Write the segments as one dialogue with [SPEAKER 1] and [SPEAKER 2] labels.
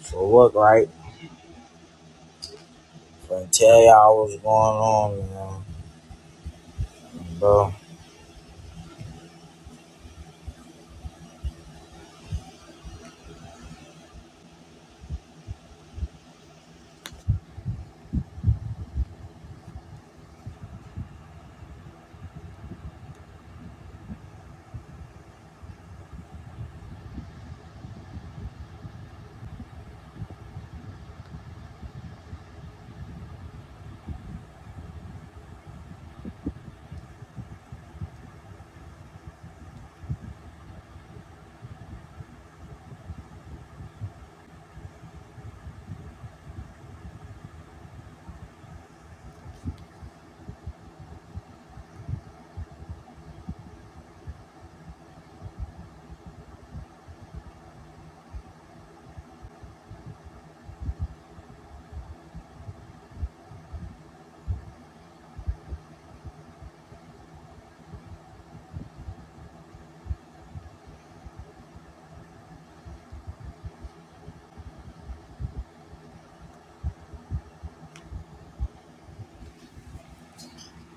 [SPEAKER 1] for work, right? But tell y'all what's going on, man. Bro.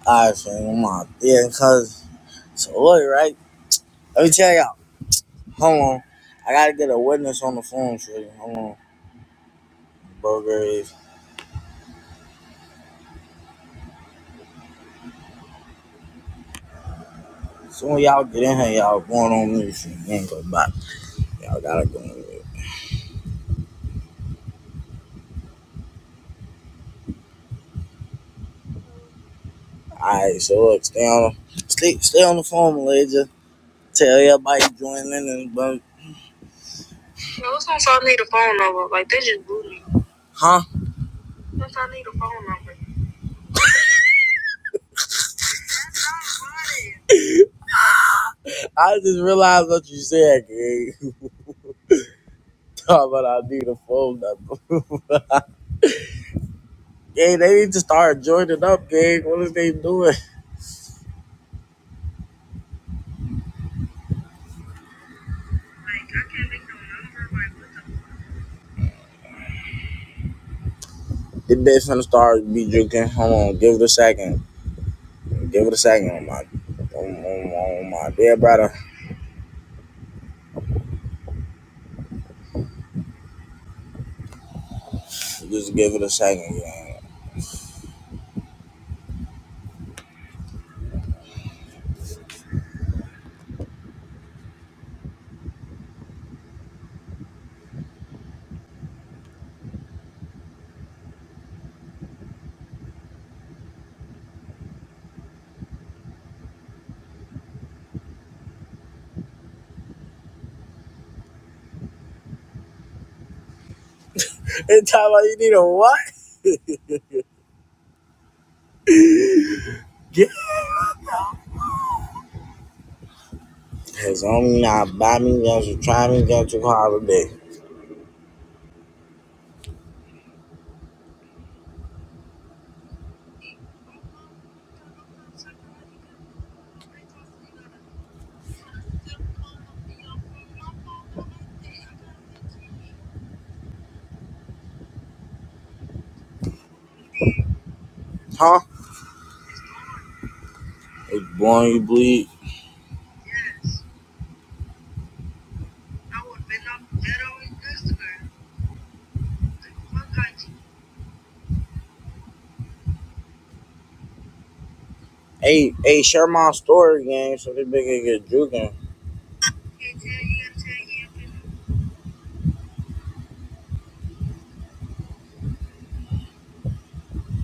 [SPEAKER 1] Alright, fam, I'm out there, cuz. So look, right? Let me tell y'all. Hold on. I gotta get a witness on the phone for you. Hold on. Burger is. Soon y'all get in here, y'all going on me for you ain't go back. Y'all gotta go on me. Alright, so look, stay on the stay, stay on the phone, Malaysia. Tell everybody join in and bro. Huh? I just realized what you said, Greg. Talk about I need a phone number. Gang, they need to start joining up, gang. What is they doing? This bitch finna start be drinking. Hold on, give it a second. Give it a second, on my, oh on, on my dear brother. Just give it a second, gang. And tell her you need a what? Yeah. Cause only not buy me, guns to try me, guns to holiday. Huh? It's born you bleed. Hey, hey, share my story, gang, so this bitch can get drinking.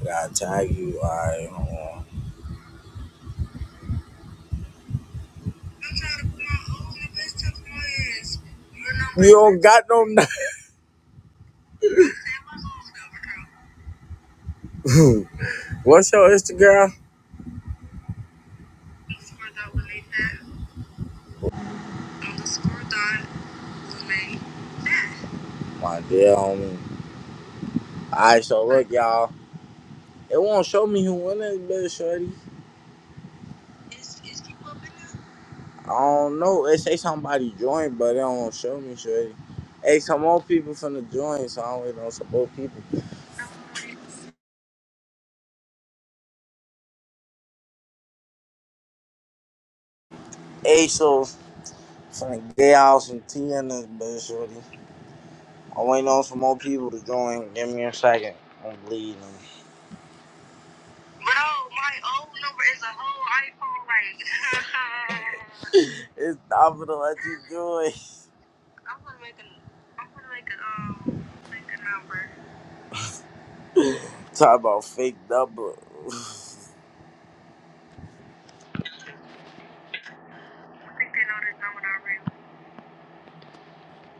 [SPEAKER 1] I tag you, alright, hold on. You don't got no knife. What's your Instagram? My dear homie. Alright, so look, y'all. It won't show me who won this bitch, shorty. I don't know. It say somebody joined, but it don't show me, shorty. Hey, some more people finna join, so I don't only know some more people. Hey, so finna get out some tea in this bitch, shorty. I waiting on some more people to join. Give me a second. I'm bleeding. It's time for to let you join. Talk about fake double.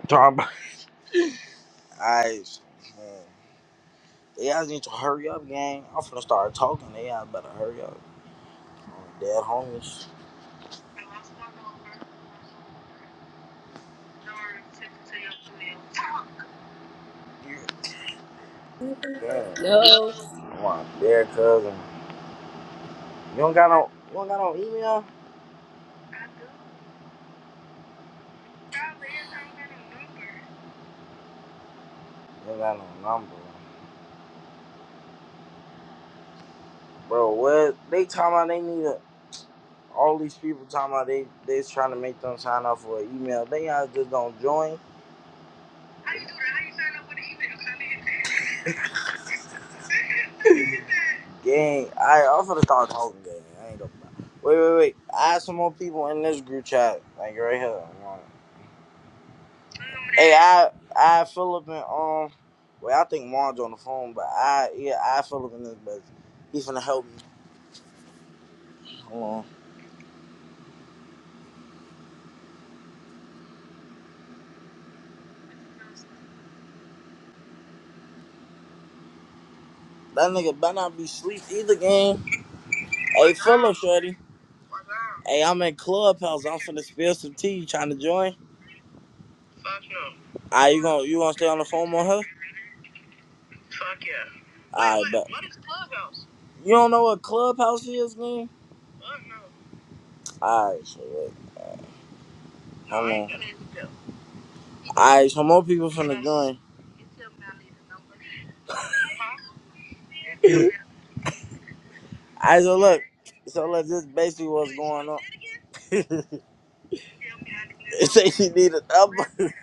[SPEAKER 1] Talk about eyes. They guys need to hurry up, gang. I'm finna start talking. They guys better hurry up. I'm dead homies. Damn.
[SPEAKER 2] Yo,
[SPEAKER 1] Come on, dead cousin. You don't got no. You don't got no email. You don't got no number. Bro, what they talking about? They need a, all these people talking about they they's trying to make them sign up for an email. They guys just don't join. Gang, I I'm finna start talking gang. I ain't gonna lie. Wait, wait, wait. Add some more people in this group chat. Like right here. Hey, I I Philip and um well I think Marge on the phone, but I yeah, I Philip in this bitch. He finna help me. Hold on. That nigga better not be sleep either game. Hey Philip Shorty. Hey, I'm in Clubhouse. I'm finna spill some tea. You trying to join? Ah, you gonna you gonna stay on the phone with her? Alright, bet. What is Clubhouse? You don't know what Clubhouse is, man? Alright, so wait. Hold on. Alright, so more people from the gun. Alright, so look. So look, this basically what's going on. it say she need a number.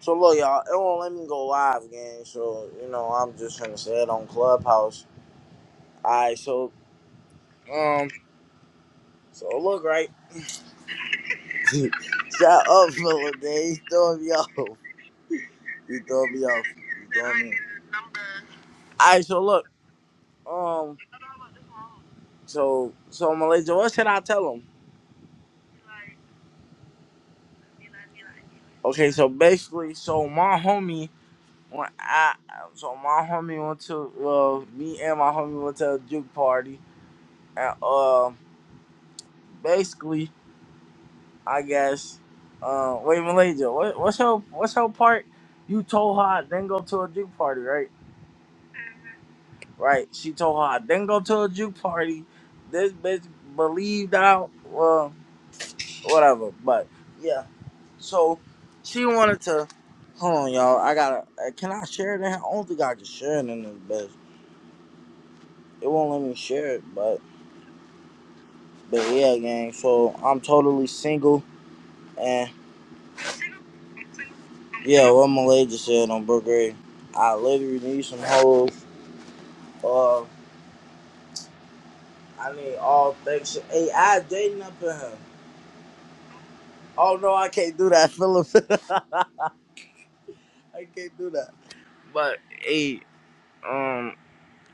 [SPEAKER 1] So look, y'all, it won't let me go live, gang. So, you know, I'm just gonna say it on Clubhouse. Alright, so um so look right. Shut up, Philip, man. He's throwing me off. He's throwing me off. He's throwing me off. Alright, so look. um. So so Malaysia, what should I tell him? Okay, so basically, so my homie when I so my homie went to uh me and my homie went to a juke party and uh basically I guess uh wait Malaysia, what what's her what's her part? You told her I didn't go to a juke party, right? Right. She told her I didn't go to a juke party. This bitch believed out well whatever, but yeah. So she wanted to. Hold on, y'all. I gotta. Uh, can I share it? In? here? I don't think I can share it in this bitch. It won't let me share it, but but yeah, gang. So I'm totally single, and yeah, what my lady just said on Brook Ray. I literally need some hoes. Uh, I need all things. Hey, I dating up in her. Oh no, I can't do that, Philip. I can't do that. But hey, um.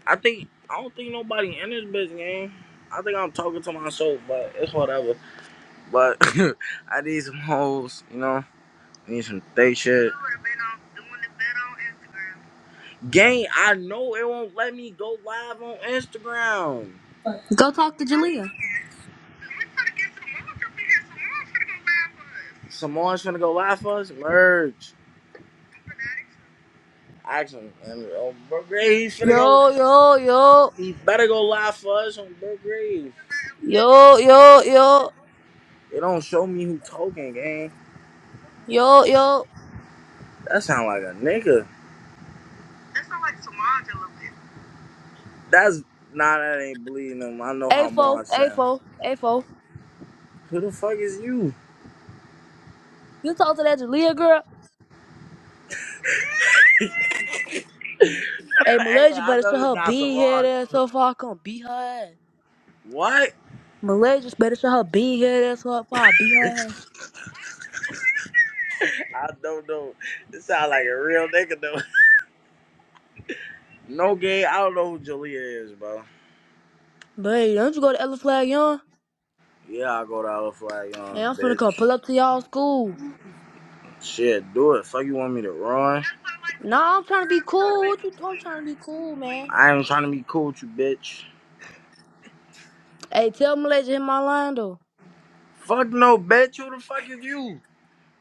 [SPEAKER 1] I think I don't think nobody in this bitch game. I think I'm talking to myself, but it's whatever. But I need some hoes, you know. I need some thick shit. Gang, I know it won't let me go live on Instagram.
[SPEAKER 2] Go talk to Jalea.
[SPEAKER 1] Samoa's finna go live for us. Merge. Action. And oh, bro, Gray, he's finna go.
[SPEAKER 2] yo, yo, yo,
[SPEAKER 1] He better go live for us on Big Grave.
[SPEAKER 2] yo, yo, yo,
[SPEAKER 1] It don't show me who talking, gang.
[SPEAKER 2] yo, yo.
[SPEAKER 1] That sound like a nigga. That's nah, that ain't bleeding him. I know how
[SPEAKER 2] A4,
[SPEAKER 1] Marv sounds.
[SPEAKER 2] A4, A4.
[SPEAKER 1] Who the fuck is you?
[SPEAKER 2] You talk to that Jalea girl? Hey,
[SPEAKER 1] hey,
[SPEAKER 2] Malaysia
[SPEAKER 1] I
[SPEAKER 2] better show
[SPEAKER 1] know this
[SPEAKER 2] her
[SPEAKER 1] not some
[SPEAKER 2] being here
[SPEAKER 1] Samaj.
[SPEAKER 2] there so far I can beat her ass.
[SPEAKER 1] What?
[SPEAKER 2] Malaysia better show her being here there so far I beat her ass.
[SPEAKER 1] I don't know. This sound like a real nigga though. No gay. I don't know who Jalea is, bro.
[SPEAKER 2] But hey, don't you go to Ella Flag Young?
[SPEAKER 1] Yeah, I go to Olive Flag
[SPEAKER 2] Hey,
[SPEAKER 1] Young,
[SPEAKER 2] I'm finna come
[SPEAKER 1] bitch.
[SPEAKER 2] pull up to y'all school.
[SPEAKER 1] Shit, do it. Fuck you want me to run?
[SPEAKER 2] Nah, I'm trying to be cool. What you? I'm trying to be cool, man.
[SPEAKER 1] I ain't trying to be cool with you, bitch.
[SPEAKER 2] Hey, tell Malaysia hit my line though.
[SPEAKER 1] Fuck no, bitch. Who the fuck is you?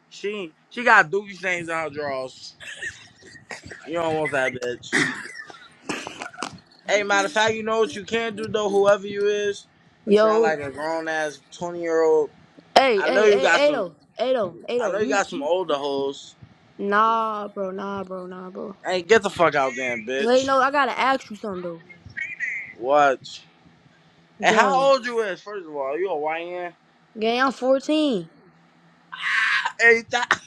[SPEAKER 1] She she got dookie stains on her drawers. You don't want that, bitch. Hey, matter of fact, you know what you can do though. Whoever you is, sound
[SPEAKER 2] Yo.
[SPEAKER 1] like a grown ass twenty year old.
[SPEAKER 2] Hey,
[SPEAKER 1] I know
[SPEAKER 2] hey,
[SPEAKER 1] you got
[SPEAKER 2] hey,
[SPEAKER 1] some.
[SPEAKER 2] Ado, Ado,
[SPEAKER 1] I
[SPEAKER 2] Ado,
[SPEAKER 1] know you
[SPEAKER 2] you
[SPEAKER 1] got some older hoes.
[SPEAKER 2] nah, bro, nah, bro, nah, bro.
[SPEAKER 1] Hey, get the fuck out, damn
[SPEAKER 2] Wait,
[SPEAKER 1] bitch.
[SPEAKER 2] no, I gotta ask you something though.
[SPEAKER 1] What? Hey,
[SPEAKER 2] Gang,
[SPEAKER 1] how old you is? First of all, Are you a YN?
[SPEAKER 2] gang, I'm 14.
[SPEAKER 1] Hey, that.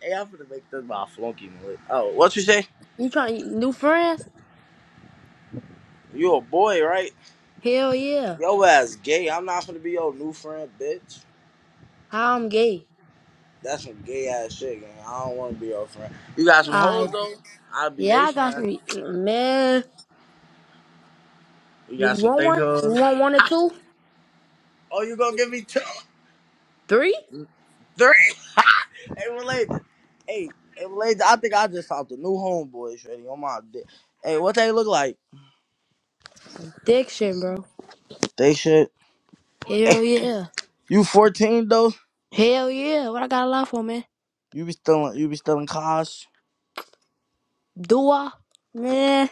[SPEAKER 1] Hey, I'm gonna make this my flunky noise. Oh, what you say?
[SPEAKER 2] You trying new friends?
[SPEAKER 1] You a boy, right?
[SPEAKER 2] Hell yeah.
[SPEAKER 1] Yo ass gay. I'm not gonna be your new friend, bitch.
[SPEAKER 2] How I'm gay.
[SPEAKER 1] That's some gay ass shit, gang. I don't want to be your friend. You got some
[SPEAKER 2] I
[SPEAKER 1] hoes though. I'll be they
[SPEAKER 2] yeah, I got
[SPEAKER 1] friend.
[SPEAKER 2] some man.
[SPEAKER 1] You
[SPEAKER 2] You
[SPEAKER 1] got some
[SPEAKER 2] want
[SPEAKER 1] thick
[SPEAKER 2] one? You
[SPEAKER 1] hoes.
[SPEAKER 2] want one or two?
[SPEAKER 1] Oh, you gonna give me two,
[SPEAKER 2] Three?
[SPEAKER 1] three? Hey, related. Hey, hey, related. I think I just saw the new homeboys ready on my dick. Hey, what they look like?
[SPEAKER 2] Diction, bro.
[SPEAKER 1] They shit. Hey,
[SPEAKER 2] Hell yeah.
[SPEAKER 1] you 14 though?
[SPEAKER 2] Hell yeah. What I got a lot for, man?
[SPEAKER 1] You be stealing? You be stealing cars?
[SPEAKER 2] Do I? Man.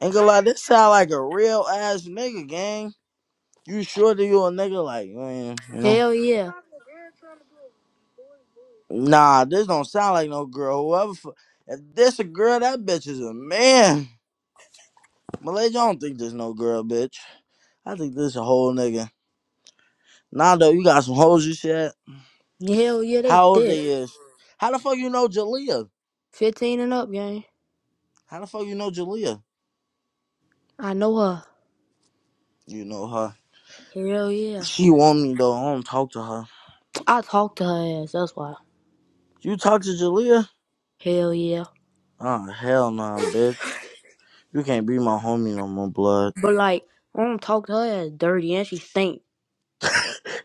[SPEAKER 1] Ain't gonna lie, this sound like a real ass nigga gang. You sure that you a nigga like man? You know?
[SPEAKER 2] Hell yeah.
[SPEAKER 1] Nah, this don't sound like no girl. Whoever, fu- if this a girl, that bitch is a man. Malaysia, I don't think there's no girl, bitch. I think this a whole nigga. Nah, though, you got some hoes and shit.
[SPEAKER 2] Hell yeah, they
[SPEAKER 1] How old
[SPEAKER 2] thick.
[SPEAKER 1] they is? How the fuck you know Jalea?
[SPEAKER 2] 15 and up, gang.
[SPEAKER 1] How the fuck you know Jalea?
[SPEAKER 2] I know her.
[SPEAKER 1] You know her.
[SPEAKER 2] Hell yeah.
[SPEAKER 1] She want me though. I don't talk to her.
[SPEAKER 2] I talked to her ass, that's why.
[SPEAKER 1] You talk to Jalea?
[SPEAKER 2] Hell yeah.
[SPEAKER 1] Oh hell nah, bitch. You can't be my homie no more, blood.
[SPEAKER 2] But like, I don't talk to her ass dirty and she stink.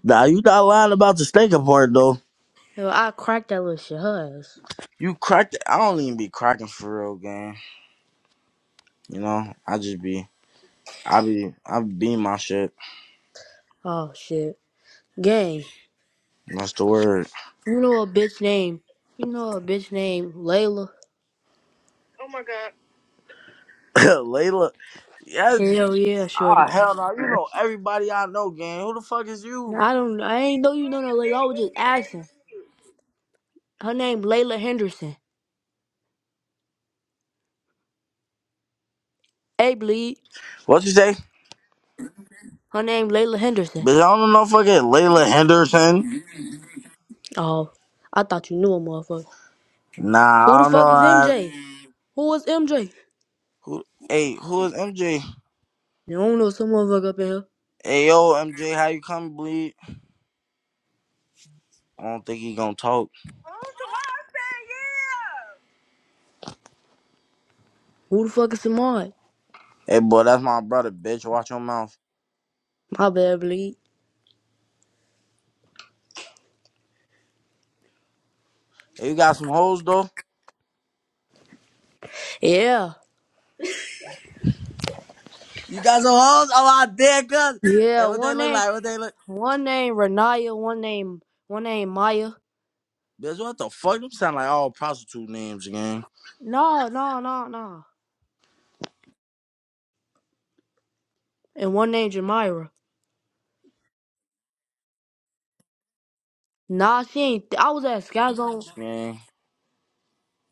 [SPEAKER 1] Nah, you not lying about the steak apart though.
[SPEAKER 2] Hell, I cracked that little shit her ass.
[SPEAKER 1] You cracked. I don't even be cracking for real, gang. You know, I just be. I be. I be my shit.
[SPEAKER 2] Oh shit. Gang.
[SPEAKER 1] That's the word.
[SPEAKER 2] You know a bitch name. You know a bitch named Layla.
[SPEAKER 1] Layla. Yes.
[SPEAKER 2] Hell yeah, shorty.
[SPEAKER 1] Ah, hell no. You know everybody I know, gang. Who the fuck is you?
[SPEAKER 2] I don't I ain't know you know no Layla. I was just asking. Her name Layla Henderson. Hey bleed.
[SPEAKER 1] What you say?
[SPEAKER 2] Her name Layla Henderson.
[SPEAKER 1] Bitch, I don't know fucking Layla Henderson.
[SPEAKER 2] Oh. I thought you knew a motherfucker.
[SPEAKER 1] Nah,
[SPEAKER 2] Who
[SPEAKER 1] I
[SPEAKER 2] the
[SPEAKER 1] don't know.
[SPEAKER 2] fuck is
[SPEAKER 1] I,
[SPEAKER 2] MJ? Who is MJ?
[SPEAKER 1] who? Hey, who is MJ?
[SPEAKER 2] You don't know some motherfucker up in here.
[SPEAKER 1] Hey, yo, MJ, how you coming, bleed? I don't think he gonna talk.
[SPEAKER 2] Who the fuck is Simone?
[SPEAKER 1] Hey, boy, that's my brother, bitch. Watch your mouth.
[SPEAKER 2] My bad, bleed.
[SPEAKER 1] Hey, you got some hoes though?
[SPEAKER 2] Yeah,
[SPEAKER 1] You got some hoes? Oh, my dear cuz.
[SPEAKER 2] yeah.
[SPEAKER 1] Hey, what they
[SPEAKER 2] One
[SPEAKER 1] look
[SPEAKER 2] name,
[SPEAKER 1] like? What they look?
[SPEAKER 2] one name Renaya. One name, one name Maya.
[SPEAKER 1] Bitch, what the fuck? Them sound like all prostitute names, gang.
[SPEAKER 2] No, no, no, no. And one name Jamira. Nah, she ain't. I was at Skyzone. Zone.
[SPEAKER 1] Gang.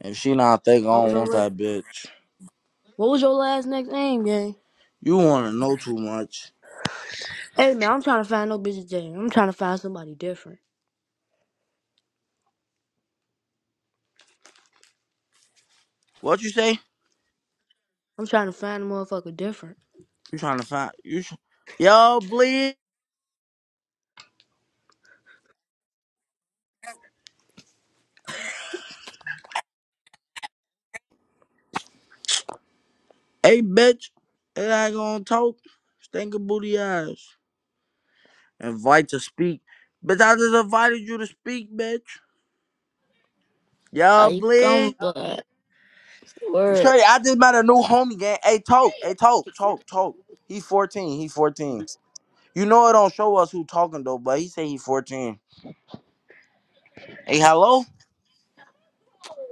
[SPEAKER 1] If she not think I
[SPEAKER 2] What was
[SPEAKER 1] don't
[SPEAKER 2] your
[SPEAKER 1] want
[SPEAKER 2] last?
[SPEAKER 1] that bitch.
[SPEAKER 2] What was your last next name, gang?
[SPEAKER 1] You wanna know too much.
[SPEAKER 2] Hey man, I'm trying to find no bitch gang. I'm trying to find somebody different.
[SPEAKER 1] What you say?
[SPEAKER 2] I'm trying to find a motherfucker different.
[SPEAKER 1] You trying to find? You? Sh- yo, bleed. Hey, bitch, it ain't gonna talk. Stink of booty eyes. Invite to speak. Bitch, I just invited you to speak, bitch. Yo,
[SPEAKER 3] I come,
[SPEAKER 1] bleed.
[SPEAKER 3] but word.
[SPEAKER 1] Straight, I just met a new homie, gang. Hey, talk. Hey, talk. Talk. Talk. He 14. He 14. You know it don't show us who talking, though, but he say he 14. Hey, hello?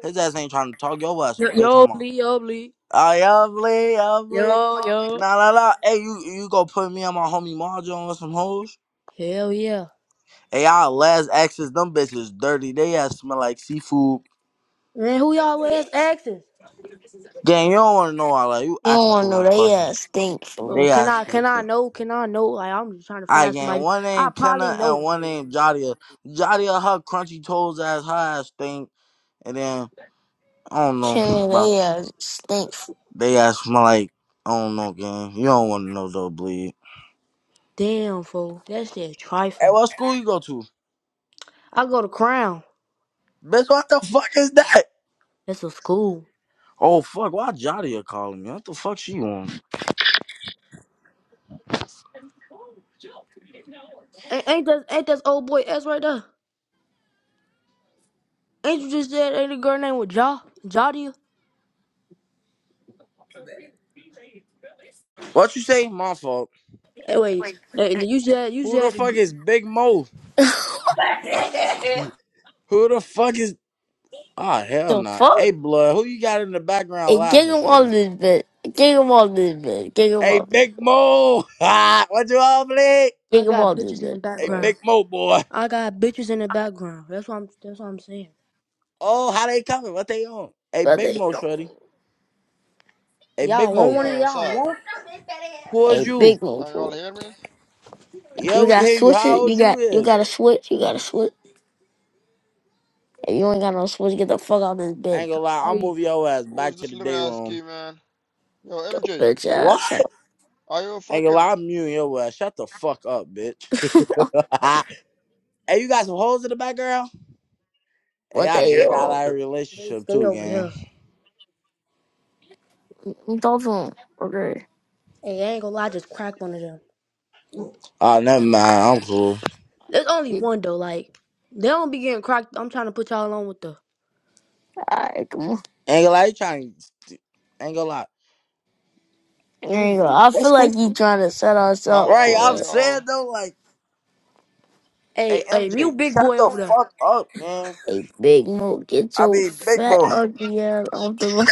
[SPEAKER 1] His ass ain't trying to talk. Your ass a
[SPEAKER 2] Yo,
[SPEAKER 1] bitch, on
[SPEAKER 2] yo,
[SPEAKER 1] my.
[SPEAKER 2] bleed, yo, bleed.
[SPEAKER 1] Oh, yo, bleed. Yo, bleed.
[SPEAKER 2] Yo, yo.
[SPEAKER 1] Nah, nah, nah. Hey, you, you go put me on my homie Marjo on with some hoes?
[SPEAKER 2] Hell yeah.
[SPEAKER 1] Hey, our last exes, them bitches dirty. They ass smell like seafood.
[SPEAKER 2] Man, who y'all was asking?
[SPEAKER 1] Gang, you don't want to know all that. You
[SPEAKER 3] You don't
[SPEAKER 1] asking
[SPEAKER 3] want
[SPEAKER 1] too
[SPEAKER 3] no
[SPEAKER 1] much
[SPEAKER 3] they
[SPEAKER 1] questions.
[SPEAKER 3] ass stink for
[SPEAKER 2] Bro,
[SPEAKER 1] They
[SPEAKER 2] can
[SPEAKER 1] ass
[SPEAKER 2] I can I
[SPEAKER 1] stinking.
[SPEAKER 2] know? Can I know? Like I'm just trying to
[SPEAKER 1] I
[SPEAKER 2] find
[SPEAKER 1] gang,
[SPEAKER 2] somebody.
[SPEAKER 1] one
[SPEAKER 2] I
[SPEAKER 1] name
[SPEAKER 2] probably
[SPEAKER 1] Kenna
[SPEAKER 2] know.
[SPEAKER 1] and
[SPEAKER 2] them.
[SPEAKER 1] one name Jadia. Jadia, her crunchy toes ass, her ass stink. And then, I don't know
[SPEAKER 3] killing
[SPEAKER 1] about
[SPEAKER 3] they
[SPEAKER 1] that.
[SPEAKER 3] ass stink for
[SPEAKER 1] They ass smell like, I don't know, gang. You don't want to know though, bleed.
[SPEAKER 2] Damn fool, that shit
[SPEAKER 1] Hey,
[SPEAKER 2] trifling.
[SPEAKER 1] what school you go to?
[SPEAKER 2] I go to Crown.
[SPEAKER 1] Bitch, what the fuck is that?
[SPEAKER 2] That's a school.
[SPEAKER 1] Oh, fuck, why Jadia calling me? What the fuck she on?
[SPEAKER 2] Ain't, ain't that ain't that old boy S right there? Ain't you just said ain't a girl named with Ja Jadia?
[SPEAKER 1] What you say? My fault.
[SPEAKER 2] Hey, wait, hey, you said you
[SPEAKER 1] Who the
[SPEAKER 2] said. The,
[SPEAKER 1] fuck
[SPEAKER 2] gr-
[SPEAKER 1] is Big Mo? Who the fuck is Ah, hell
[SPEAKER 3] the
[SPEAKER 1] nah.
[SPEAKER 3] fuck.
[SPEAKER 1] Hey, blood, who you got in the background
[SPEAKER 3] And get
[SPEAKER 1] laughing,
[SPEAKER 3] them all
[SPEAKER 1] Shorty?
[SPEAKER 3] this bit. Get them all this bit. Get them
[SPEAKER 1] Hey,
[SPEAKER 3] all this bit.
[SPEAKER 1] Big Mo. Ah, what you on, Blake?
[SPEAKER 3] Get
[SPEAKER 2] I
[SPEAKER 3] them all
[SPEAKER 2] got
[SPEAKER 3] this
[SPEAKER 2] bitches in the
[SPEAKER 3] bit.
[SPEAKER 1] Hey,
[SPEAKER 3] But,
[SPEAKER 2] background.
[SPEAKER 1] Big Mo, boy.
[SPEAKER 2] I got bitches in the background. That's what I'm. That's what I'm saying.
[SPEAKER 1] Oh, how they coming? What they on? Hey,
[SPEAKER 3] but
[SPEAKER 1] Big
[SPEAKER 3] they
[SPEAKER 1] Mo,
[SPEAKER 3] don't.
[SPEAKER 1] Shorty. Hey, Big
[SPEAKER 2] Y'all want
[SPEAKER 1] Mo.
[SPEAKER 2] one of
[SPEAKER 4] Yo, what's
[SPEAKER 2] y'all
[SPEAKER 4] up?
[SPEAKER 2] want?
[SPEAKER 1] Who
[SPEAKER 3] Hey,
[SPEAKER 1] is you?
[SPEAKER 3] big one
[SPEAKER 4] Can y'all
[SPEAKER 3] fool.
[SPEAKER 4] hear me?
[SPEAKER 1] Yeah,
[SPEAKER 3] You
[SPEAKER 1] we can
[SPEAKER 3] got
[SPEAKER 1] hear you. How
[SPEAKER 3] switches.
[SPEAKER 1] old
[SPEAKER 3] You
[SPEAKER 1] you
[SPEAKER 3] got you
[SPEAKER 1] is?
[SPEAKER 3] got a switch. You got a switch. If you ain't got no switch, get the fuck out of this
[SPEAKER 1] I
[SPEAKER 3] bed.
[SPEAKER 1] ain't gonna lie, I'll
[SPEAKER 2] Hey,
[SPEAKER 1] move your ass
[SPEAKER 4] Who
[SPEAKER 1] back
[SPEAKER 4] is
[SPEAKER 1] to
[SPEAKER 4] this
[SPEAKER 1] the
[SPEAKER 4] little
[SPEAKER 1] day
[SPEAKER 4] ass
[SPEAKER 1] room.
[SPEAKER 4] key, man? Yo,
[SPEAKER 3] Yo,
[SPEAKER 4] MJ,
[SPEAKER 3] bitch
[SPEAKER 1] What?
[SPEAKER 3] ass up.
[SPEAKER 4] are you
[SPEAKER 1] I Ain't gonna
[SPEAKER 4] fucking?
[SPEAKER 1] lie, I'm muting your ass. Shut the fuck up, bitch. hey, you got some hoes in the background? Hey,
[SPEAKER 3] What
[SPEAKER 1] I
[SPEAKER 3] they
[SPEAKER 1] just got
[SPEAKER 3] on?
[SPEAKER 1] out of a
[SPEAKER 2] they
[SPEAKER 1] relationship
[SPEAKER 2] stay
[SPEAKER 1] too,
[SPEAKER 2] over
[SPEAKER 1] gang.
[SPEAKER 2] here.
[SPEAKER 3] Don't do 'em. Okay.
[SPEAKER 2] Hey, I ain't gonna lie, I just cracked one of them.
[SPEAKER 1] Oh, never mind. I'm cool.
[SPEAKER 2] There's only one though. Like they don't be getting cracked. I'm trying to put y'all on with the
[SPEAKER 3] Alright, come
[SPEAKER 1] Ain't gonna lie, you trying. Ain't gonna lie.
[SPEAKER 3] There you go.
[SPEAKER 1] You,
[SPEAKER 3] I feel
[SPEAKER 1] that's cool.
[SPEAKER 3] like you trying to set us
[SPEAKER 4] How
[SPEAKER 3] up
[SPEAKER 1] Right,
[SPEAKER 4] are
[SPEAKER 1] I'm
[SPEAKER 3] for
[SPEAKER 1] saying
[SPEAKER 4] y'all?
[SPEAKER 1] though, like, hey
[SPEAKER 2] hey hey
[SPEAKER 1] MJ,
[SPEAKER 2] mute big
[SPEAKER 1] shut
[SPEAKER 2] boy over
[SPEAKER 1] the
[SPEAKER 2] there.
[SPEAKER 1] fuck up, man.
[SPEAKER 3] a big move. Get
[SPEAKER 1] I
[SPEAKER 3] your
[SPEAKER 1] mean, big
[SPEAKER 3] fat
[SPEAKER 1] boy.
[SPEAKER 3] ugly ass off the line.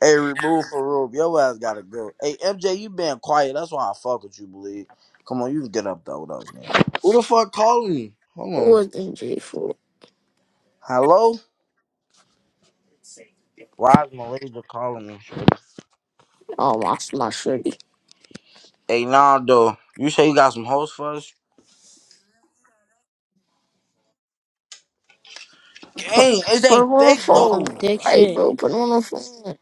[SPEAKER 1] Hey, remove for Rube. Your ass gotta go. Hey MJ, you been quiet. That's why I fuck with you, believe. Come on, you can get up though with us, man. Who the fuck calling me? Hold
[SPEAKER 3] What
[SPEAKER 1] on.
[SPEAKER 3] was DJ for?
[SPEAKER 1] Hello? Why is Malaysia calling me?
[SPEAKER 3] Oh my, my shitty.
[SPEAKER 1] Hey, Nando, you say you got some hoes for us?
[SPEAKER 3] Put
[SPEAKER 1] Dang, is
[SPEAKER 3] put
[SPEAKER 1] they
[SPEAKER 3] him on the
[SPEAKER 1] thick
[SPEAKER 2] There's
[SPEAKER 1] though?
[SPEAKER 2] some
[SPEAKER 3] phone,
[SPEAKER 2] dick
[SPEAKER 3] right,
[SPEAKER 2] shit.
[SPEAKER 3] bro? Put him on the phone.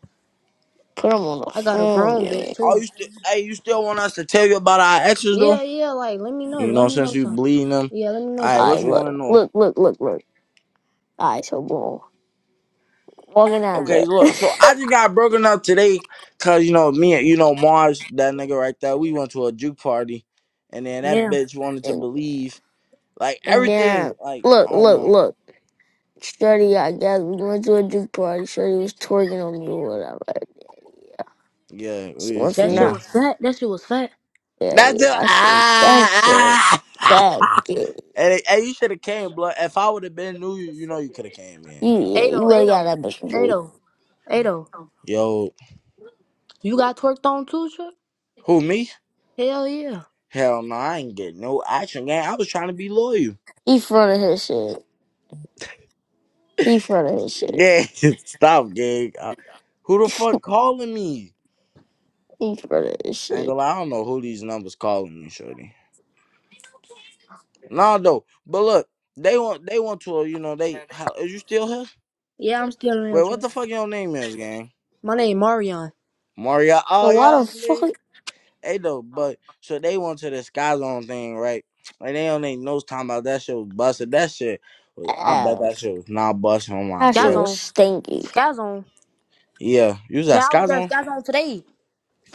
[SPEAKER 3] Put him on the
[SPEAKER 2] I got a
[SPEAKER 3] phone,
[SPEAKER 2] grown
[SPEAKER 3] yeah.
[SPEAKER 2] bitch
[SPEAKER 1] Are
[SPEAKER 2] too.
[SPEAKER 1] you still? Hey, you still want us to tell you about our exes though?
[SPEAKER 2] Yeah yeah. Like let me know.
[SPEAKER 1] You
[SPEAKER 2] Let
[SPEAKER 1] know,
[SPEAKER 2] me
[SPEAKER 1] since
[SPEAKER 2] know
[SPEAKER 1] you
[SPEAKER 2] something.
[SPEAKER 1] bleeding them.
[SPEAKER 2] Yeah let me know
[SPEAKER 1] All right,
[SPEAKER 3] All
[SPEAKER 2] something.
[SPEAKER 1] what
[SPEAKER 3] right,
[SPEAKER 1] you want to
[SPEAKER 3] look,
[SPEAKER 1] know?
[SPEAKER 3] look, look, look, look. All right, so boom, walking out of
[SPEAKER 1] Okay,
[SPEAKER 3] it,
[SPEAKER 1] look. So I just got broken up today, cause you know me and you know Mars, that nigga right there. We went to a juke party, and then that
[SPEAKER 2] Yeah.
[SPEAKER 1] bitch wanted to
[SPEAKER 3] and,
[SPEAKER 1] believe like
[SPEAKER 3] and then
[SPEAKER 1] everything. Like
[SPEAKER 3] look,
[SPEAKER 1] I don't
[SPEAKER 3] look,
[SPEAKER 1] know.
[SPEAKER 3] look. Shorty, I guess we went to a juke party. Shorty was twerking on me or whatever.
[SPEAKER 1] Yeah, it
[SPEAKER 3] So what's
[SPEAKER 1] is,
[SPEAKER 2] That shit
[SPEAKER 3] now?
[SPEAKER 1] yeah.
[SPEAKER 2] was fat. That shit was fat.
[SPEAKER 3] Yeah,
[SPEAKER 1] That's
[SPEAKER 3] yeah,
[SPEAKER 1] it.
[SPEAKER 3] that's so that's so
[SPEAKER 1] Ah, ah.
[SPEAKER 3] bad. Yeah,
[SPEAKER 1] And, and you should have came, blood. If I would have been new, you, you know, you could have came
[SPEAKER 3] you,
[SPEAKER 1] in.
[SPEAKER 3] yeah,
[SPEAKER 2] Ado
[SPEAKER 3] you really
[SPEAKER 2] Ado
[SPEAKER 3] got that bitch for free.
[SPEAKER 2] Ado Ado.
[SPEAKER 1] Yo,
[SPEAKER 2] You got twerked on too, Trey?
[SPEAKER 1] who me?
[SPEAKER 2] Hell yeah.
[SPEAKER 1] Hell no, I ain't getting no action, gang. I was trying to be loyal.
[SPEAKER 3] He fronted his shit. He fronted his shit.
[SPEAKER 1] Yeah, stop, gig. Uh, who the fuck calling me?
[SPEAKER 3] he fronted his
[SPEAKER 1] I ain't
[SPEAKER 3] shit.
[SPEAKER 1] gonna lie, I don't know who these numbers calling me, shorty. Nah, though. But look, they want they want to, uh, you know, they. How, is you still here?
[SPEAKER 2] Yeah, I'm still in here,
[SPEAKER 1] Wait, what
[SPEAKER 2] Trey.
[SPEAKER 1] the fuck your name is, gang?
[SPEAKER 2] My name Marion.
[SPEAKER 1] Mario.
[SPEAKER 3] So
[SPEAKER 1] Oh,
[SPEAKER 3] why the
[SPEAKER 1] yo,
[SPEAKER 3] fuck
[SPEAKER 1] man. Hey, though, but so they went to the Sky Zone thing, right? Like, they don't ain't no time about that shit was busted. That shit, was, I bet that
[SPEAKER 3] ass?
[SPEAKER 1] shit was not busting on my
[SPEAKER 3] How she
[SPEAKER 1] dick.
[SPEAKER 3] was
[SPEAKER 2] Skazon.
[SPEAKER 3] stinky.
[SPEAKER 2] Skazon.
[SPEAKER 1] Yeah, you was at
[SPEAKER 2] Child
[SPEAKER 1] Sky
[SPEAKER 2] was at
[SPEAKER 1] Zone?
[SPEAKER 2] Skazon today.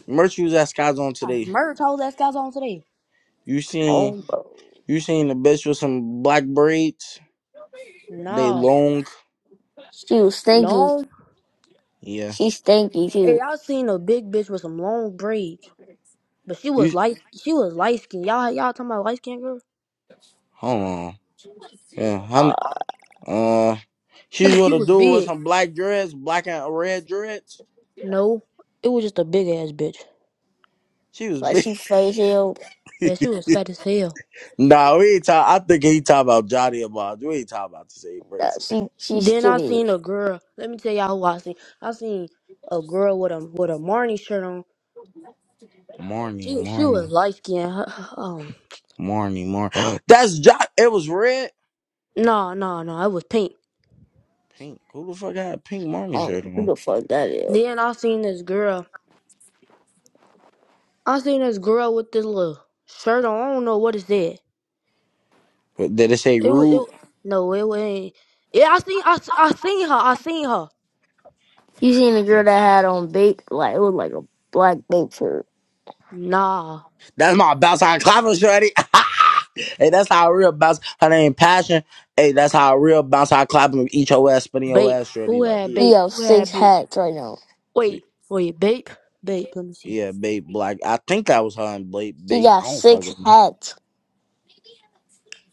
[SPEAKER 1] Merch, you was at Sky Zone
[SPEAKER 2] I
[SPEAKER 1] today.
[SPEAKER 2] merged hoes at Skazon today.
[SPEAKER 1] You seen. You seen the bitch with some black braids? They
[SPEAKER 2] No.
[SPEAKER 1] long.
[SPEAKER 3] She was stinky.
[SPEAKER 2] Long
[SPEAKER 1] Yeah.
[SPEAKER 3] She stinky
[SPEAKER 2] Hey,
[SPEAKER 3] too.
[SPEAKER 2] y'all seen a big bitch with some long braids, but she was
[SPEAKER 1] You
[SPEAKER 2] light. She was light skinned. Y'all, y'all talking about light skinned girl?
[SPEAKER 1] hold on. Yeah.
[SPEAKER 3] Uh,
[SPEAKER 1] Honey. Uh, she
[SPEAKER 2] She,
[SPEAKER 1] was
[SPEAKER 2] she
[SPEAKER 1] with a
[SPEAKER 2] was
[SPEAKER 1] dude with
[SPEAKER 2] big.
[SPEAKER 1] some black dreads, black and red dreads.
[SPEAKER 2] No, it was just a big ass bitch.
[SPEAKER 1] She was
[SPEAKER 3] like
[SPEAKER 1] big.
[SPEAKER 3] she face ill.
[SPEAKER 2] Yeah, she was fat as hell.
[SPEAKER 1] nah, we ain't talk. I think he talking about Johnny about. We ain't talking about the same
[SPEAKER 3] Nah,
[SPEAKER 1] person.
[SPEAKER 3] she she
[SPEAKER 2] Then I
[SPEAKER 3] skinny.
[SPEAKER 2] seen a girl. Let me tell y'all who I seen. I seen a girl with a with a Marnie shirt on.
[SPEAKER 1] Marnie,
[SPEAKER 2] She, she was
[SPEAKER 1] Marnie,
[SPEAKER 2] light skinned. Um,
[SPEAKER 1] Marnie, Marnie. That's Johnny. It was red,
[SPEAKER 2] no, no, no, it was pink.
[SPEAKER 1] pink. Who the fuck had a pink
[SPEAKER 3] I
[SPEAKER 1] Marnie
[SPEAKER 3] don't
[SPEAKER 1] shirt
[SPEAKER 3] know who
[SPEAKER 1] on?
[SPEAKER 3] the fuck that is.
[SPEAKER 2] Then I seen this girl. I seen this girl with this little shirt on. I don't know what it said.
[SPEAKER 1] What, Did it say
[SPEAKER 2] It was it.
[SPEAKER 1] rude?
[SPEAKER 2] wa- No, it wasn't. Yeah, I seen I, s- I seen her. I seen her.
[SPEAKER 3] You seen the girl that had on bait like it was like a black bait shirt.
[SPEAKER 2] Nah,
[SPEAKER 1] That's my bounce on clapper shorty. hey, that's how a real bounce. Her name Passion. Hey, that's how a real bounce on clapper eat your ass, spinning your
[SPEAKER 2] babe.
[SPEAKER 1] ass shorty.
[SPEAKER 2] Who
[SPEAKER 1] Like
[SPEAKER 2] had
[SPEAKER 1] here,
[SPEAKER 3] She
[SPEAKER 2] babe?
[SPEAKER 3] have
[SPEAKER 2] Who
[SPEAKER 3] six
[SPEAKER 2] had babe?
[SPEAKER 3] hats right now.
[SPEAKER 2] Wait, wait, babe, babe. Let me see.
[SPEAKER 1] yeah, babe, black. I think that was her and Blake,
[SPEAKER 3] She
[SPEAKER 1] babe.
[SPEAKER 3] got
[SPEAKER 1] I don't
[SPEAKER 3] six
[SPEAKER 1] fucking know.
[SPEAKER 3] hats.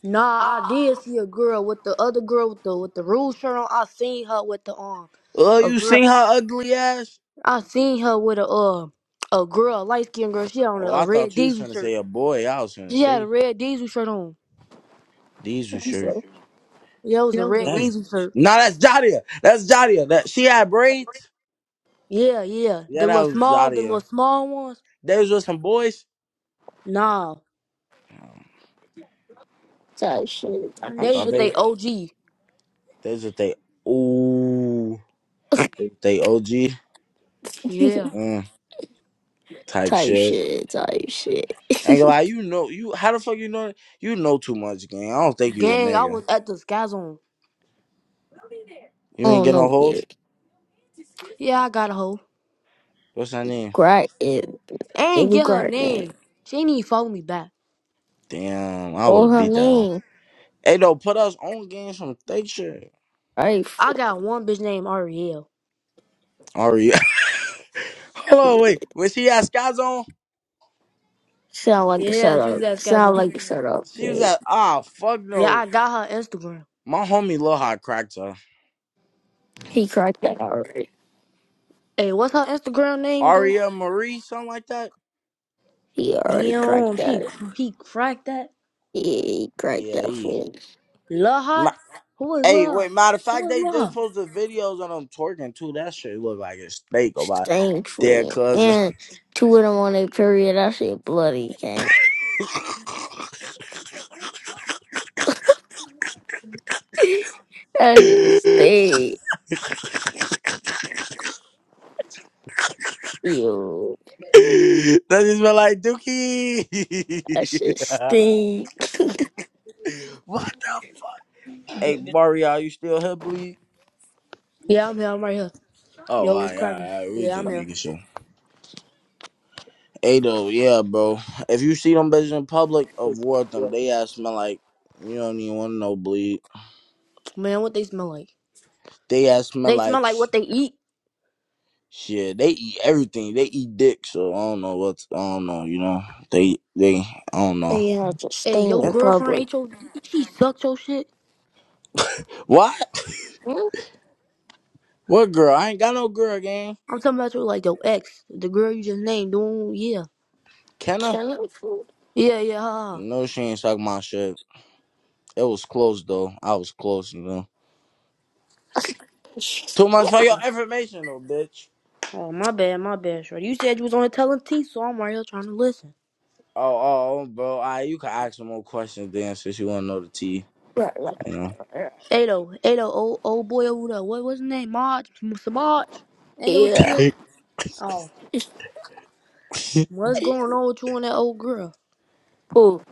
[SPEAKER 2] Nah, I did see a girl with the other girl with the with the rude shirt on. I seen her with the um,
[SPEAKER 1] Oh,
[SPEAKER 2] a
[SPEAKER 1] you
[SPEAKER 2] girl.
[SPEAKER 1] seen her ugly ass?
[SPEAKER 2] I seen her with a uh, a girl, light skinned girl. She had on a,
[SPEAKER 1] Oh,
[SPEAKER 2] a
[SPEAKER 1] I
[SPEAKER 2] red
[SPEAKER 1] thought you was
[SPEAKER 2] diesel
[SPEAKER 1] trying to
[SPEAKER 2] shirt.
[SPEAKER 1] say a boy. I was trying to
[SPEAKER 2] She had a
[SPEAKER 1] say
[SPEAKER 2] red diesel shirt on.
[SPEAKER 1] Diesel
[SPEAKER 3] type
[SPEAKER 1] shirt.
[SPEAKER 3] shit,
[SPEAKER 2] Yeah, it was a red
[SPEAKER 1] That's
[SPEAKER 2] diesel shirt.
[SPEAKER 1] no, that's Jadia. That's Jadia. That she had braids.
[SPEAKER 2] Yeah, yeah. The
[SPEAKER 1] Yeah, that
[SPEAKER 2] little
[SPEAKER 1] was
[SPEAKER 2] small, the little
[SPEAKER 1] Jadia.
[SPEAKER 2] small ones.
[SPEAKER 1] They was with some boys.
[SPEAKER 2] Nah.
[SPEAKER 3] type
[SPEAKER 1] I
[SPEAKER 2] They was
[SPEAKER 1] thought
[SPEAKER 2] with they
[SPEAKER 1] they.
[SPEAKER 3] shit,
[SPEAKER 2] OG.
[SPEAKER 1] They was with they. Ooh. If they OG
[SPEAKER 2] Yeah.
[SPEAKER 1] mm, type
[SPEAKER 3] type
[SPEAKER 1] shit.
[SPEAKER 3] shit, type shit.
[SPEAKER 1] Ain't
[SPEAKER 3] I
[SPEAKER 1] gonna lie, you know you how the fuck you know you know too much, gang. I don't think you a
[SPEAKER 2] Gang, I
[SPEAKER 1] nigga.
[SPEAKER 2] was at the sky zone.
[SPEAKER 1] You ain't
[SPEAKER 3] don't
[SPEAKER 1] get no
[SPEAKER 3] know
[SPEAKER 1] hoes?
[SPEAKER 3] yet.
[SPEAKER 2] Yeah, I got a hoe.
[SPEAKER 1] What's her name?
[SPEAKER 3] Grind it,
[SPEAKER 2] I ain't
[SPEAKER 3] little
[SPEAKER 2] get her
[SPEAKER 3] grind it.
[SPEAKER 2] name. She ain't even follow me back.
[SPEAKER 1] Damn, I would
[SPEAKER 3] What
[SPEAKER 1] have
[SPEAKER 3] her
[SPEAKER 1] beat that one.
[SPEAKER 3] name?
[SPEAKER 1] Hey though, put us on games from fake shit.
[SPEAKER 3] Right?
[SPEAKER 2] I
[SPEAKER 3] for
[SPEAKER 2] got one bitch named Ariel.
[SPEAKER 1] Ari Hold
[SPEAKER 3] it.
[SPEAKER 1] on, wait. Was she at Sky Zone?
[SPEAKER 3] Sound like a
[SPEAKER 2] Yeah, she was
[SPEAKER 3] setup.
[SPEAKER 2] at sky
[SPEAKER 3] Sound
[SPEAKER 2] zone.
[SPEAKER 3] like a setup.
[SPEAKER 1] She was
[SPEAKER 3] Yeah.
[SPEAKER 1] at ah fuck
[SPEAKER 2] Yeah,
[SPEAKER 1] no.
[SPEAKER 2] I got her Instagram.
[SPEAKER 1] My homie Loha cracked her.
[SPEAKER 3] He cracked that already.
[SPEAKER 2] Hey, what's her Instagram name go?
[SPEAKER 1] Aria Marie, something like that?
[SPEAKER 3] He already cracked
[SPEAKER 2] Damn, she
[SPEAKER 3] that.
[SPEAKER 2] he cracked that.
[SPEAKER 3] Yeah, he cracked
[SPEAKER 1] Yeah,
[SPEAKER 3] that
[SPEAKER 1] he.
[SPEAKER 3] fool.
[SPEAKER 2] Lil Hot? Who is
[SPEAKER 1] Hey,
[SPEAKER 2] Lil Hot?
[SPEAKER 1] wait, matter of
[SPEAKER 2] Who
[SPEAKER 1] fact,
[SPEAKER 2] is
[SPEAKER 1] they
[SPEAKER 2] Lil
[SPEAKER 1] just
[SPEAKER 2] Hot?
[SPEAKER 1] posted videos on them twerking too. That shit look like a snake on my
[SPEAKER 3] Stank
[SPEAKER 1] dead
[SPEAKER 3] fool.
[SPEAKER 1] cousin.
[SPEAKER 3] And two of them on their period. That shit bloody, gang. That shit stink. Yo,
[SPEAKER 1] that just been like Dookie.
[SPEAKER 3] that shit stink.
[SPEAKER 1] what the fuck? Hey, Mario, are you still here, bleed?
[SPEAKER 2] Yeah, I'm here. I'm right here.
[SPEAKER 1] Oh, all
[SPEAKER 2] Yo, what's
[SPEAKER 1] right, all right,
[SPEAKER 2] cracking?
[SPEAKER 1] all right. We
[SPEAKER 2] Yeah,
[SPEAKER 1] just
[SPEAKER 2] I'm here.
[SPEAKER 1] making sure. Hey, though, yeah, bro. If you see them bitches in public, avoid them. They ass smell like, you don't even want to know, bleed.
[SPEAKER 2] Man, what they smell like?
[SPEAKER 1] They ass smell
[SPEAKER 2] They smell
[SPEAKER 1] like
[SPEAKER 2] like what they eat.
[SPEAKER 1] Shit, they eat everything. They eat dick, so I don't know what I don't know. You know, they they I don't know.
[SPEAKER 3] They have to
[SPEAKER 2] Hey,
[SPEAKER 3] stay
[SPEAKER 2] your
[SPEAKER 1] Yeah.
[SPEAKER 3] in
[SPEAKER 2] girlfriend
[SPEAKER 3] public.
[SPEAKER 2] ate your. She sucked your shit.
[SPEAKER 1] What?
[SPEAKER 3] Hmm?
[SPEAKER 1] What girl? I ain't got no girl, gang.
[SPEAKER 2] I'm talking about you like your ex, the girl you just named, the yeah.
[SPEAKER 1] Kenna?
[SPEAKER 3] Killing food.
[SPEAKER 2] Yeah, yeah, ha. ha.
[SPEAKER 1] No, she ain't suck my shit. It was close though. I was close, you know. Too much for your
[SPEAKER 3] right,
[SPEAKER 1] information though, bitch.
[SPEAKER 2] Oh, my bad, my bad, shorty. You said you was on the telling T, so I'm right here trying to listen.
[SPEAKER 1] Oh, oh, oh, bro. I you can ask some more questions then, since you want to know the tea,
[SPEAKER 3] right, right,
[SPEAKER 1] you know.
[SPEAKER 3] right.
[SPEAKER 2] Ado, Ado, old, old boy over there, what, what's his name? Marge? Samaj? Ain't that what you
[SPEAKER 3] Yeah.
[SPEAKER 2] said? Oh. What's going on with you and that old girl?
[SPEAKER 3] Ooh.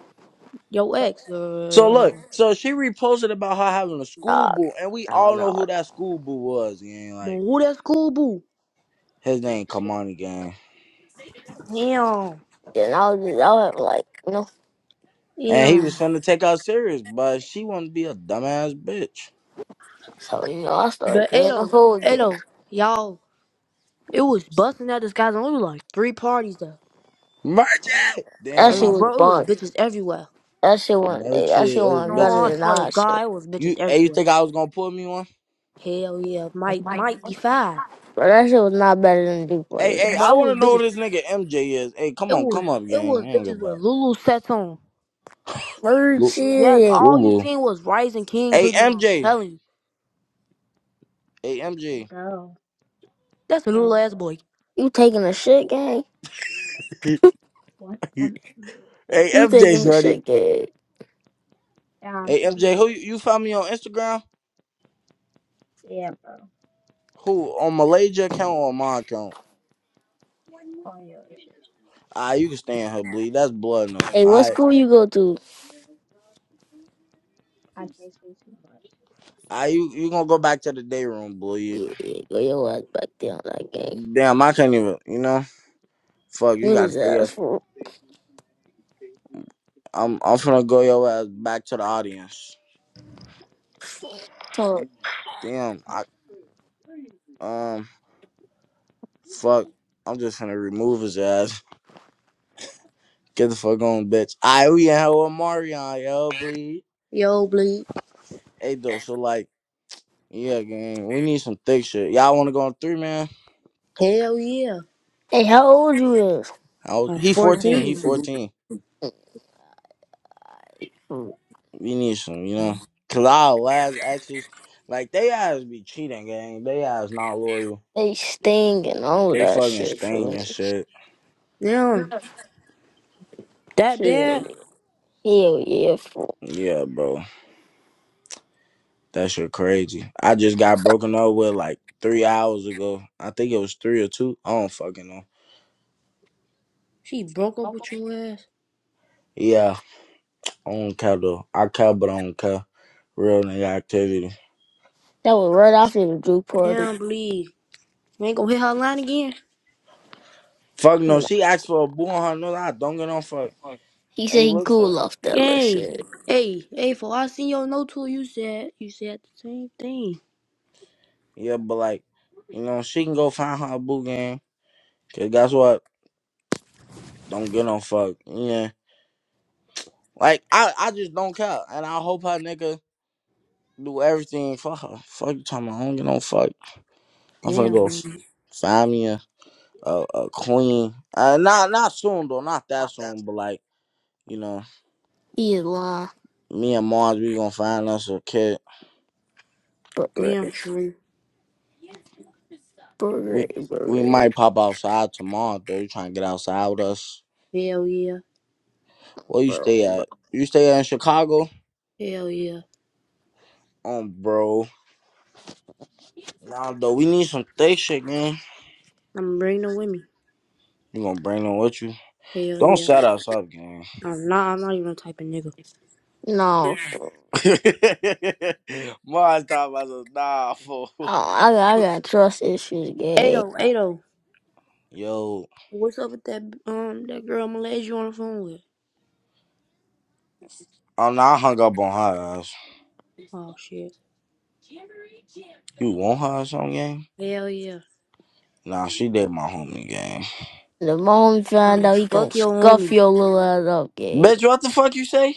[SPEAKER 2] Your
[SPEAKER 3] No,
[SPEAKER 2] ex,
[SPEAKER 1] So
[SPEAKER 2] uh, uh,
[SPEAKER 1] look, so she reposted about her having a school
[SPEAKER 3] no,
[SPEAKER 1] boo, and we
[SPEAKER 3] no, no,
[SPEAKER 1] all
[SPEAKER 3] no.
[SPEAKER 1] know who that school boo was. Gang.
[SPEAKER 2] but
[SPEAKER 1] Like
[SPEAKER 2] who that school boo?
[SPEAKER 1] his name Kamani Gang.
[SPEAKER 2] Damn,
[SPEAKER 3] Then I was just, I was like, no.
[SPEAKER 1] And he
[SPEAKER 2] damn.
[SPEAKER 1] was finna take her serious, but she wanted to be a dumbass bitch.
[SPEAKER 3] So, you know, I started
[SPEAKER 2] But
[SPEAKER 3] being a
[SPEAKER 2] Ado,
[SPEAKER 3] fool again.
[SPEAKER 2] Ado, y'all, it was busting out this guy's only like three parties there.
[SPEAKER 1] Merchant!
[SPEAKER 3] That
[SPEAKER 1] Damn,
[SPEAKER 3] shit
[SPEAKER 1] I
[SPEAKER 2] And
[SPEAKER 3] was
[SPEAKER 1] said,
[SPEAKER 2] bro, it was
[SPEAKER 3] bunk.
[SPEAKER 2] bitches everywhere.
[SPEAKER 3] That shit wasn't,
[SPEAKER 1] merchant.
[SPEAKER 3] that shit
[SPEAKER 1] It was
[SPEAKER 2] No,
[SPEAKER 3] wasn't
[SPEAKER 1] bitches.
[SPEAKER 2] I
[SPEAKER 3] better
[SPEAKER 1] in-
[SPEAKER 3] than
[SPEAKER 2] swear
[SPEAKER 3] our
[SPEAKER 2] to
[SPEAKER 3] shit.
[SPEAKER 2] God, it was bitches
[SPEAKER 1] You, hey, you
[SPEAKER 2] everywhere.
[SPEAKER 1] think I was gonna pull me one?
[SPEAKER 2] Hell yeah, might might be five,
[SPEAKER 3] But that shit was not better than Deep
[SPEAKER 1] Hey, hey,
[SPEAKER 2] but
[SPEAKER 1] I
[SPEAKER 3] That's
[SPEAKER 2] it
[SPEAKER 1] wanna
[SPEAKER 2] was
[SPEAKER 1] know who
[SPEAKER 2] bitches.
[SPEAKER 1] this nigga MJ is. Hey, come
[SPEAKER 2] It
[SPEAKER 1] on,
[SPEAKER 2] was
[SPEAKER 1] come up,
[SPEAKER 2] it
[SPEAKER 1] gang.
[SPEAKER 2] was
[SPEAKER 1] I ain't gonna
[SPEAKER 2] bitches with
[SPEAKER 1] about it.
[SPEAKER 2] Lulu sets on.
[SPEAKER 3] Bird
[SPEAKER 1] Lu-
[SPEAKER 2] Yes,
[SPEAKER 3] shit.
[SPEAKER 2] all you
[SPEAKER 1] Lulu.
[SPEAKER 2] seen was Rising Kings
[SPEAKER 1] Hey,
[SPEAKER 2] hoodie on.
[SPEAKER 5] mean,
[SPEAKER 2] I'm
[SPEAKER 1] MJ.
[SPEAKER 2] telling you,
[SPEAKER 1] Hey, MJ.
[SPEAKER 5] go,
[SPEAKER 2] that's a little
[SPEAKER 5] go,
[SPEAKER 2] ass
[SPEAKER 5] but
[SPEAKER 2] boy.
[SPEAKER 3] You taking a shit gang?
[SPEAKER 5] what
[SPEAKER 1] hey,
[SPEAKER 5] on earth is
[SPEAKER 3] You
[SPEAKER 1] MJ,
[SPEAKER 3] taking
[SPEAKER 5] true?
[SPEAKER 3] a
[SPEAKER 1] shorty.
[SPEAKER 3] shit gang.
[SPEAKER 5] Yeah,
[SPEAKER 1] Hey,
[SPEAKER 5] um,
[SPEAKER 1] MJ, who you you found me on Instagram?
[SPEAKER 5] yeah, bro,
[SPEAKER 1] Who, on Malaysia account or my account?
[SPEAKER 5] on your shit.
[SPEAKER 1] Ah, you can stay in her, bleed. That's blood in them.
[SPEAKER 3] Hey, what
[SPEAKER 1] All right,
[SPEAKER 3] school you go to?
[SPEAKER 5] I can't say too much.
[SPEAKER 1] all right, you, you gonna go back to the day room, bleed.
[SPEAKER 3] Yeah, yeah, go your ass back down like that.
[SPEAKER 1] Damn, I can't even. You know, fuck. You gotta stay
[SPEAKER 3] Niggas ass
[SPEAKER 1] up.
[SPEAKER 3] for
[SPEAKER 1] I'm. I'm finna go your ass back to the audience.
[SPEAKER 3] Tom.
[SPEAKER 1] Damn. I. Um. Fuck. I'm just finna remove his ass. Get the fuck on, bitch. I we in hell with Marion, yo, bleed.
[SPEAKER 2] Yo, bleed.
[SPEAKER 1] Hey, though. So like, yeah, gang. We need some thick shit. Y'all wanna go on three, man?
[SPEAKER 2] Hell yeah.
[SPEAKER 3] Hey, how old you is?
[SPEAKER 1] I was,
[SPEAKER 2] I'm
[SPEAKER 1] he 14. He
[SPEAKER 2] 14.
[SPEAKER 1] 14.
[SPEAKER 3] fool?
[SPEAKER 1] We need some. You know, cause our last exes, like they ass be cheating, gang. They ass not loyal.
[SPEAKER 3] They sting and all
[SPEAKER 1] They
[SPEAKER 3] that
[SPEAKER 1] fucking
[SPEAKER 3] shit for
[SPEAKER 1] sting and
[SPEAKER 3] me.
[SPEAKER 1] shit.
[SPEAKER 2] Damn, that bad?
[SPEAKER 3] Shit. Hell yeah, fool.
[SPEAKER 1] Yeah, bro. That shit crazy. I just got broken up with like three hours ago. I think it was three or two. I don't fucking know.
[SPEAKER 2] She broke up with your ass.
[SPEAKER 1] Yeah, I don't care though. I care, but I don't care. Real nigga activity.
[SPEAKER 3] That was right after the Drew party.
[SPEAKER 2] Damn, bleed. You ain't gonna hit her line again.
[SPEAKER 1] Fuck no.
[SPEAKER 3] Nah,
[SPEAKER 1] She asked for a boo on her nose. I don't get on fuck.
[SPEAKER 3] He said
[SPEAKER 1] Ain't
[SPEAKER 3] he
[SPEAKER 1] looked up.
[SPEAKER 3] cool off that little
[SPEAKER 2] Hey,
[SPEAKER 3] shit.
[SPEAKER 2] hey, hey. For I seen your note too. You said you said the same thing.
[SPEAKER 1] Yeah, but like, you know, she can go find her a boo game. Cause guess what? Don't get on fuck. Yeah. Like I, I just don't care, and I hope her nigga do everything for her. Fuck you talking about? I don't get no fuck. I'm finna
[SPEAKER 2] Damn,
[SPEAKER 1] go f-
[SPEAKER 2] bleed.
[SPEAKER 1] find me a a, a queen. Uh, not not soon though, not that soon, but like you know,
[SPEAKER 3] He is lying.
[SPEAKER 1] me and Mars, we gonna find us a kid.
[SPEAKER 3] Bro, bro,
[SPEAKER 2] Damn, Sheree.
[SPEAKER 3] bro,
[SPEAKER 1] We we might pop outside tomorrow though. You trying to get outside with us?
[SPEAKER 2] Hell yeah.
[SPEAKER 1] Where you
[SPEAKER 3] bro,
[SPEAKER 1] stay
[SPEAKER 3] bro.
[SPEAKER 1] at? You stay in Chicago?
[SPEAKER 2] Hell yeah.
[SPEAKER 1] Um, bro. Nah, though, we need some thick shit, man.
[SPEAKER 2] I'm bringing them with me.
[SPEAKER 1] You gonna bring them with you?
[SPEAKER 2] Hell
[SPEAKER 1] Don't
[SPEAKER 2] yeah.
[SPEAKER 1] shut us up, gang.
[SPEAKER 2] I'm not. I'm not even a type of nigga.
[SPEAKER 3] No, fool.
[SPEAKER 1] Mars talking about some nah, fool.
[SPEAKER 3] I, I, got- I got trust issues, gay.
[SPEAKER 2] Ado, Ado,
[SPEAKER 1] Yo,
[SPEAKER 2] what's up with that um that girl Malaysia you on the phone with?
[SPEAKER 1] I'm not hung up on her ass.
[SPEAKER 2] Oh shit.
[SPEAKER 1] You want her or something, gang?
[SPEAKER 2] Hell yeah.
[SPEAKER 1] Nah, she did my homie, gang.
[SPEAKER 3] The moment he find
[SPEAKER 2] Oh
[SPEAKER 3] out, he gonna
[SPEAKER 2] fuck your
[SPEAKER 3] scuff
[SPEAKER 2] homie.
[SPEAKER 3] your little ass up, gay.
[SPEAKER 1] Bitch, what the fuck you say?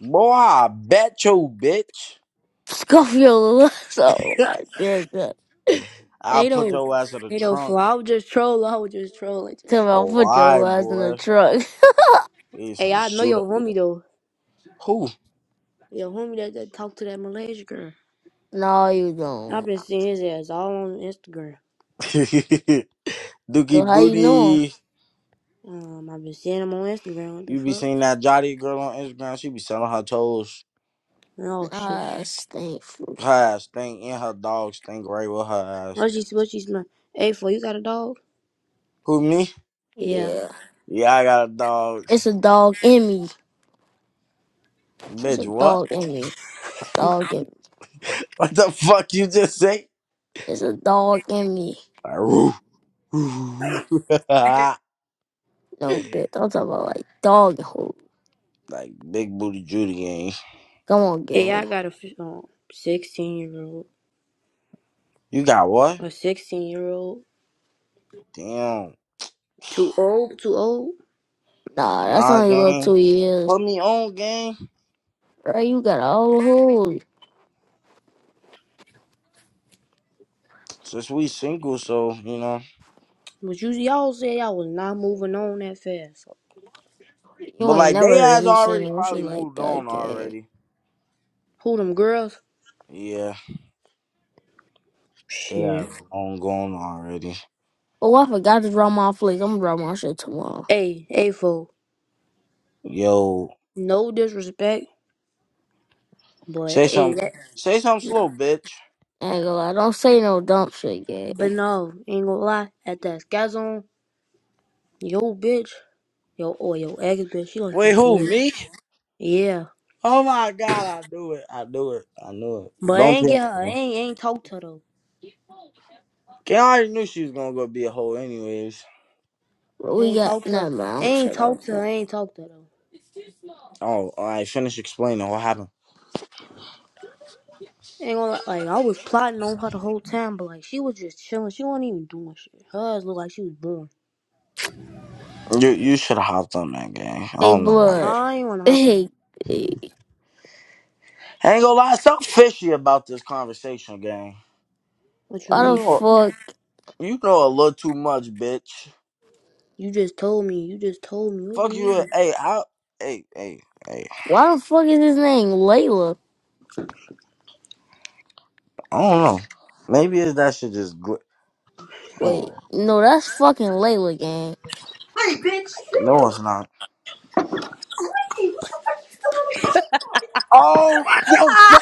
[SPEAKER 1] Boy, I bet you, bitch.
[SPEAKER 3] Scuff your ass off my nigga.
[SPEAKER 1] I'll put
[SPEAKER 2] Ado,
[SPEAKER 1] your ass in the
[SPEAKER 2] Ado,
[SPEAKER 1] trunk.
[SPEAKER 2] fool. I was just trolling. I was just trolling.
[SPEAKER 3] Tell me I'll put your
[SPEAKER 1] Alright,
[SPEAKER 3] ass in the
[SPEAKER 1] boy.
[SPEAKER 3] truck.
[SPEAKER 1] You
[SPEAKER 2] hey,
[SPEAKER 1] some
[SPEAKER 2] I know
[SPEAKER 1] shooter.
[SPEAKER 2] your homie though.
[SPEAKER 1] Who?
[SPEAKER 2] Your homie that that talked to that Malaysia girl.
[SPEAKER 3] No, you
[SPEAKER 2] I've
[SPEAKER 3] don't.
[SPEAKER 2] been seeing his ass all on Instagram.
[SPEAKER 1] Dookie
[SPEAKER 3] So how you know him?
[SPEAKER 1] Booty.
[SPEAKER 2] Um, I've been seeing him on Instagram. What the
[SPEAKER 1] You be
[SPEAKER 2] fuck?
[SPEAKER 1] seeing that Jotty girl on Instagram. She be selling her toes.
[SPEAKER 2] Oh shit.
[SPEAKER 3] Ah, stink food.
[SPEAKER 1] Her ass stink and her dog stink right with her ass.
[SPEAKER 2] What she? What she smell? Hey, for you got a dog?
[SPEAKER 1] Who, me?
[SPEAKER 2] Yeah.
[SPEAKER 3] Yeah.
[SPEAKER 1] Yeah, I got a dog.
[SPEAKER 3] It's a dog in me. It's a
[SPEAKER 1] Bitch, what?
[SPEAKER 3] dog in me. Dog in me.
[SPEAKER 1] What the fuck you just say?
[SPEAKER 3] It's a dog in me.
[SPEAKER 1] Like, "Roo, roo, roo,
[SPEAKER 3] No, bitch. I'm talking about like dog and hoe.
[SPEAKER 1] Like, big booty Judy gang.
[SPEAKER 3] Come on,
[SPEAKER 2] Yeah,
[SPEAKER 3] gang.
[SPEAKER 2] I got a f- um, 16 year old.
[SPEAKER 1] You got what?
[SPEAKER 2] A 16 year old.
[SPEAKER 1] Damn.
[SPEAKER 2] Too old? Too old?
[SPEAKER 3] Nah, that's
[SPEAKER 1] Nah,
[SPEAKER 3] only a little two
[SPEAKER 1] gang.
[SPEAKER 3] years.
[SPEAKER 1] Put me on, gang.
[SPEAKER 3] Right? you got all the hoes.
[SPEAKER 1] Since we single, so, you know.
[SPEAKER 2] But you, y'all said y'all was not moving on that fast.
[SPEAKER 3] You
[SPEAKER 1] But,
[SPEAKER 3] ain't
[SPEAKER 1] like, they
[SPEAKER 3] never heard
[SPEAKER 1] has
[SPEAKER 3] me say
[SPEAKER 1] already
[SPEAKER 3] no shit
[SPEAKER 1] probably
[SPEAKER 3] like
[SPEAKER 1] moved on
[SPEAKER 3] that, gang.
[SPEAKER 1] already.
[SPEAKER 2] Who them girls?
[SPEAKER 1] Yeah. They
[SPEAKER 2] Shit.
[SPEAKER 1] are on gone already.
[SPEAKER 3] Oh, I forgot to draw my flicks. I'm gonna draw my shit tomorrow.
[SPEAKER 2] Hey, hey, fo.
[SPEAKER 1] Yo.
[SPEAKER 2] No disrespect, but
[SPEAKER 1] Say
[SPEAKER 2] hey,
[SPEAKER 1] some.
[SPEAKER 2] that,
[SPEAKER 1] Say something slow, bitch.
[SPEAKER 3] I go, I don't say no dumb shit, gang.
[SPEAKER 2] but no, ain't gonna lie. At that skazon, yo bitch, yo, or yo ex bitch, she like
[SPEAKER 1] Wait,
[SPEAKER 2] that
[SPEAKER 1] who?
[SPEAKER 2] good.
[SPEAKER 1] Me?
[SPEAKER 2] Yeah.
[SPEAKER 1] Oh, my God. I knew it. I knew it. I knew it.
[SPEAKER 2] But I
[SPEAKER 1] Don't
[SPEAKER 2] ain't
[SPEAKER 1] tell
[SPEAKER 2] get her.
[SPEAKER 1] me,
[SPEAKER 2] I
[SPEAKER 1] man.
[SPEAKER 2] ain't, I ain't talk to her though.
[SPEAKER 1] Gang, I already knew she was gonna go be a hoe anyways.
[SPEAKER 3] But
[SPEAKER 2] I
[SPEAKER 3] we
[SPEAKER 2] ain't
[SPEAKER 3] got
[SPEAKER 2] talk to
[SPEAKER 3] nah,
[SPEAKER 2] her.
[SPEAKER 3] man. I
[SPEAKER 2] I
[SPEAKER 3] don't say
[SPEAKER 2] ain't
[SPEAKER 3] no.
[SPEAKER 2] talk to her. I ain't talk to her though.
[SPEAKER 1] Oh, all right. Finish explaining what happened.
[SPEAKER 2] Ain't gonna lie, like I was plotting on her the whole time, but like she was just chilling. She wasn't even doing shit. Hers looked like she was bored.
[SPEAKER 1] You you should have hopped on that gang. I
[SPEAKER 3] Hey,
[SPEAKER 1] don't know why you
[SPEAKER 3] blood.
[SPEAKER 2] Nah, I ain't wanna hop on.
[SPEAKER 3] Hey, hey,
[SPEAKER 1] I ain't gonna lie, something fishy about this conversation, gang.
[SPEAKER 2] What you
[SPEAKER 1] You
[SPEAKER 3] why
[SPEAKER 2] mean?
[SPEAKER 3] the
[SPEAKER 2] shit?
[SPEAKER 1] know,
[SPEAKER 3] fuck?
[SPEAKER 1] you know a little too much, bitch.
[SPEAKER 2] You just told me. You just told me. What you
[SPEAKER 1] Fuck you.
[SPEAKER 2] mean?
[SPEAKER 1] Hey, I, hey, hey, hey.
[SPEAKER 3] Why the fuck is his name Layla?
[SPEAKER 1] I don't know. Maybe it's that shit just. Gl- oh,
[SPEAKER 3] Wait, no, that's fucking Layla, gang.
[SPEAKER 2] Hey, bitch.
[SPEAKER 1] no, it's not. Oh, yo, fuck.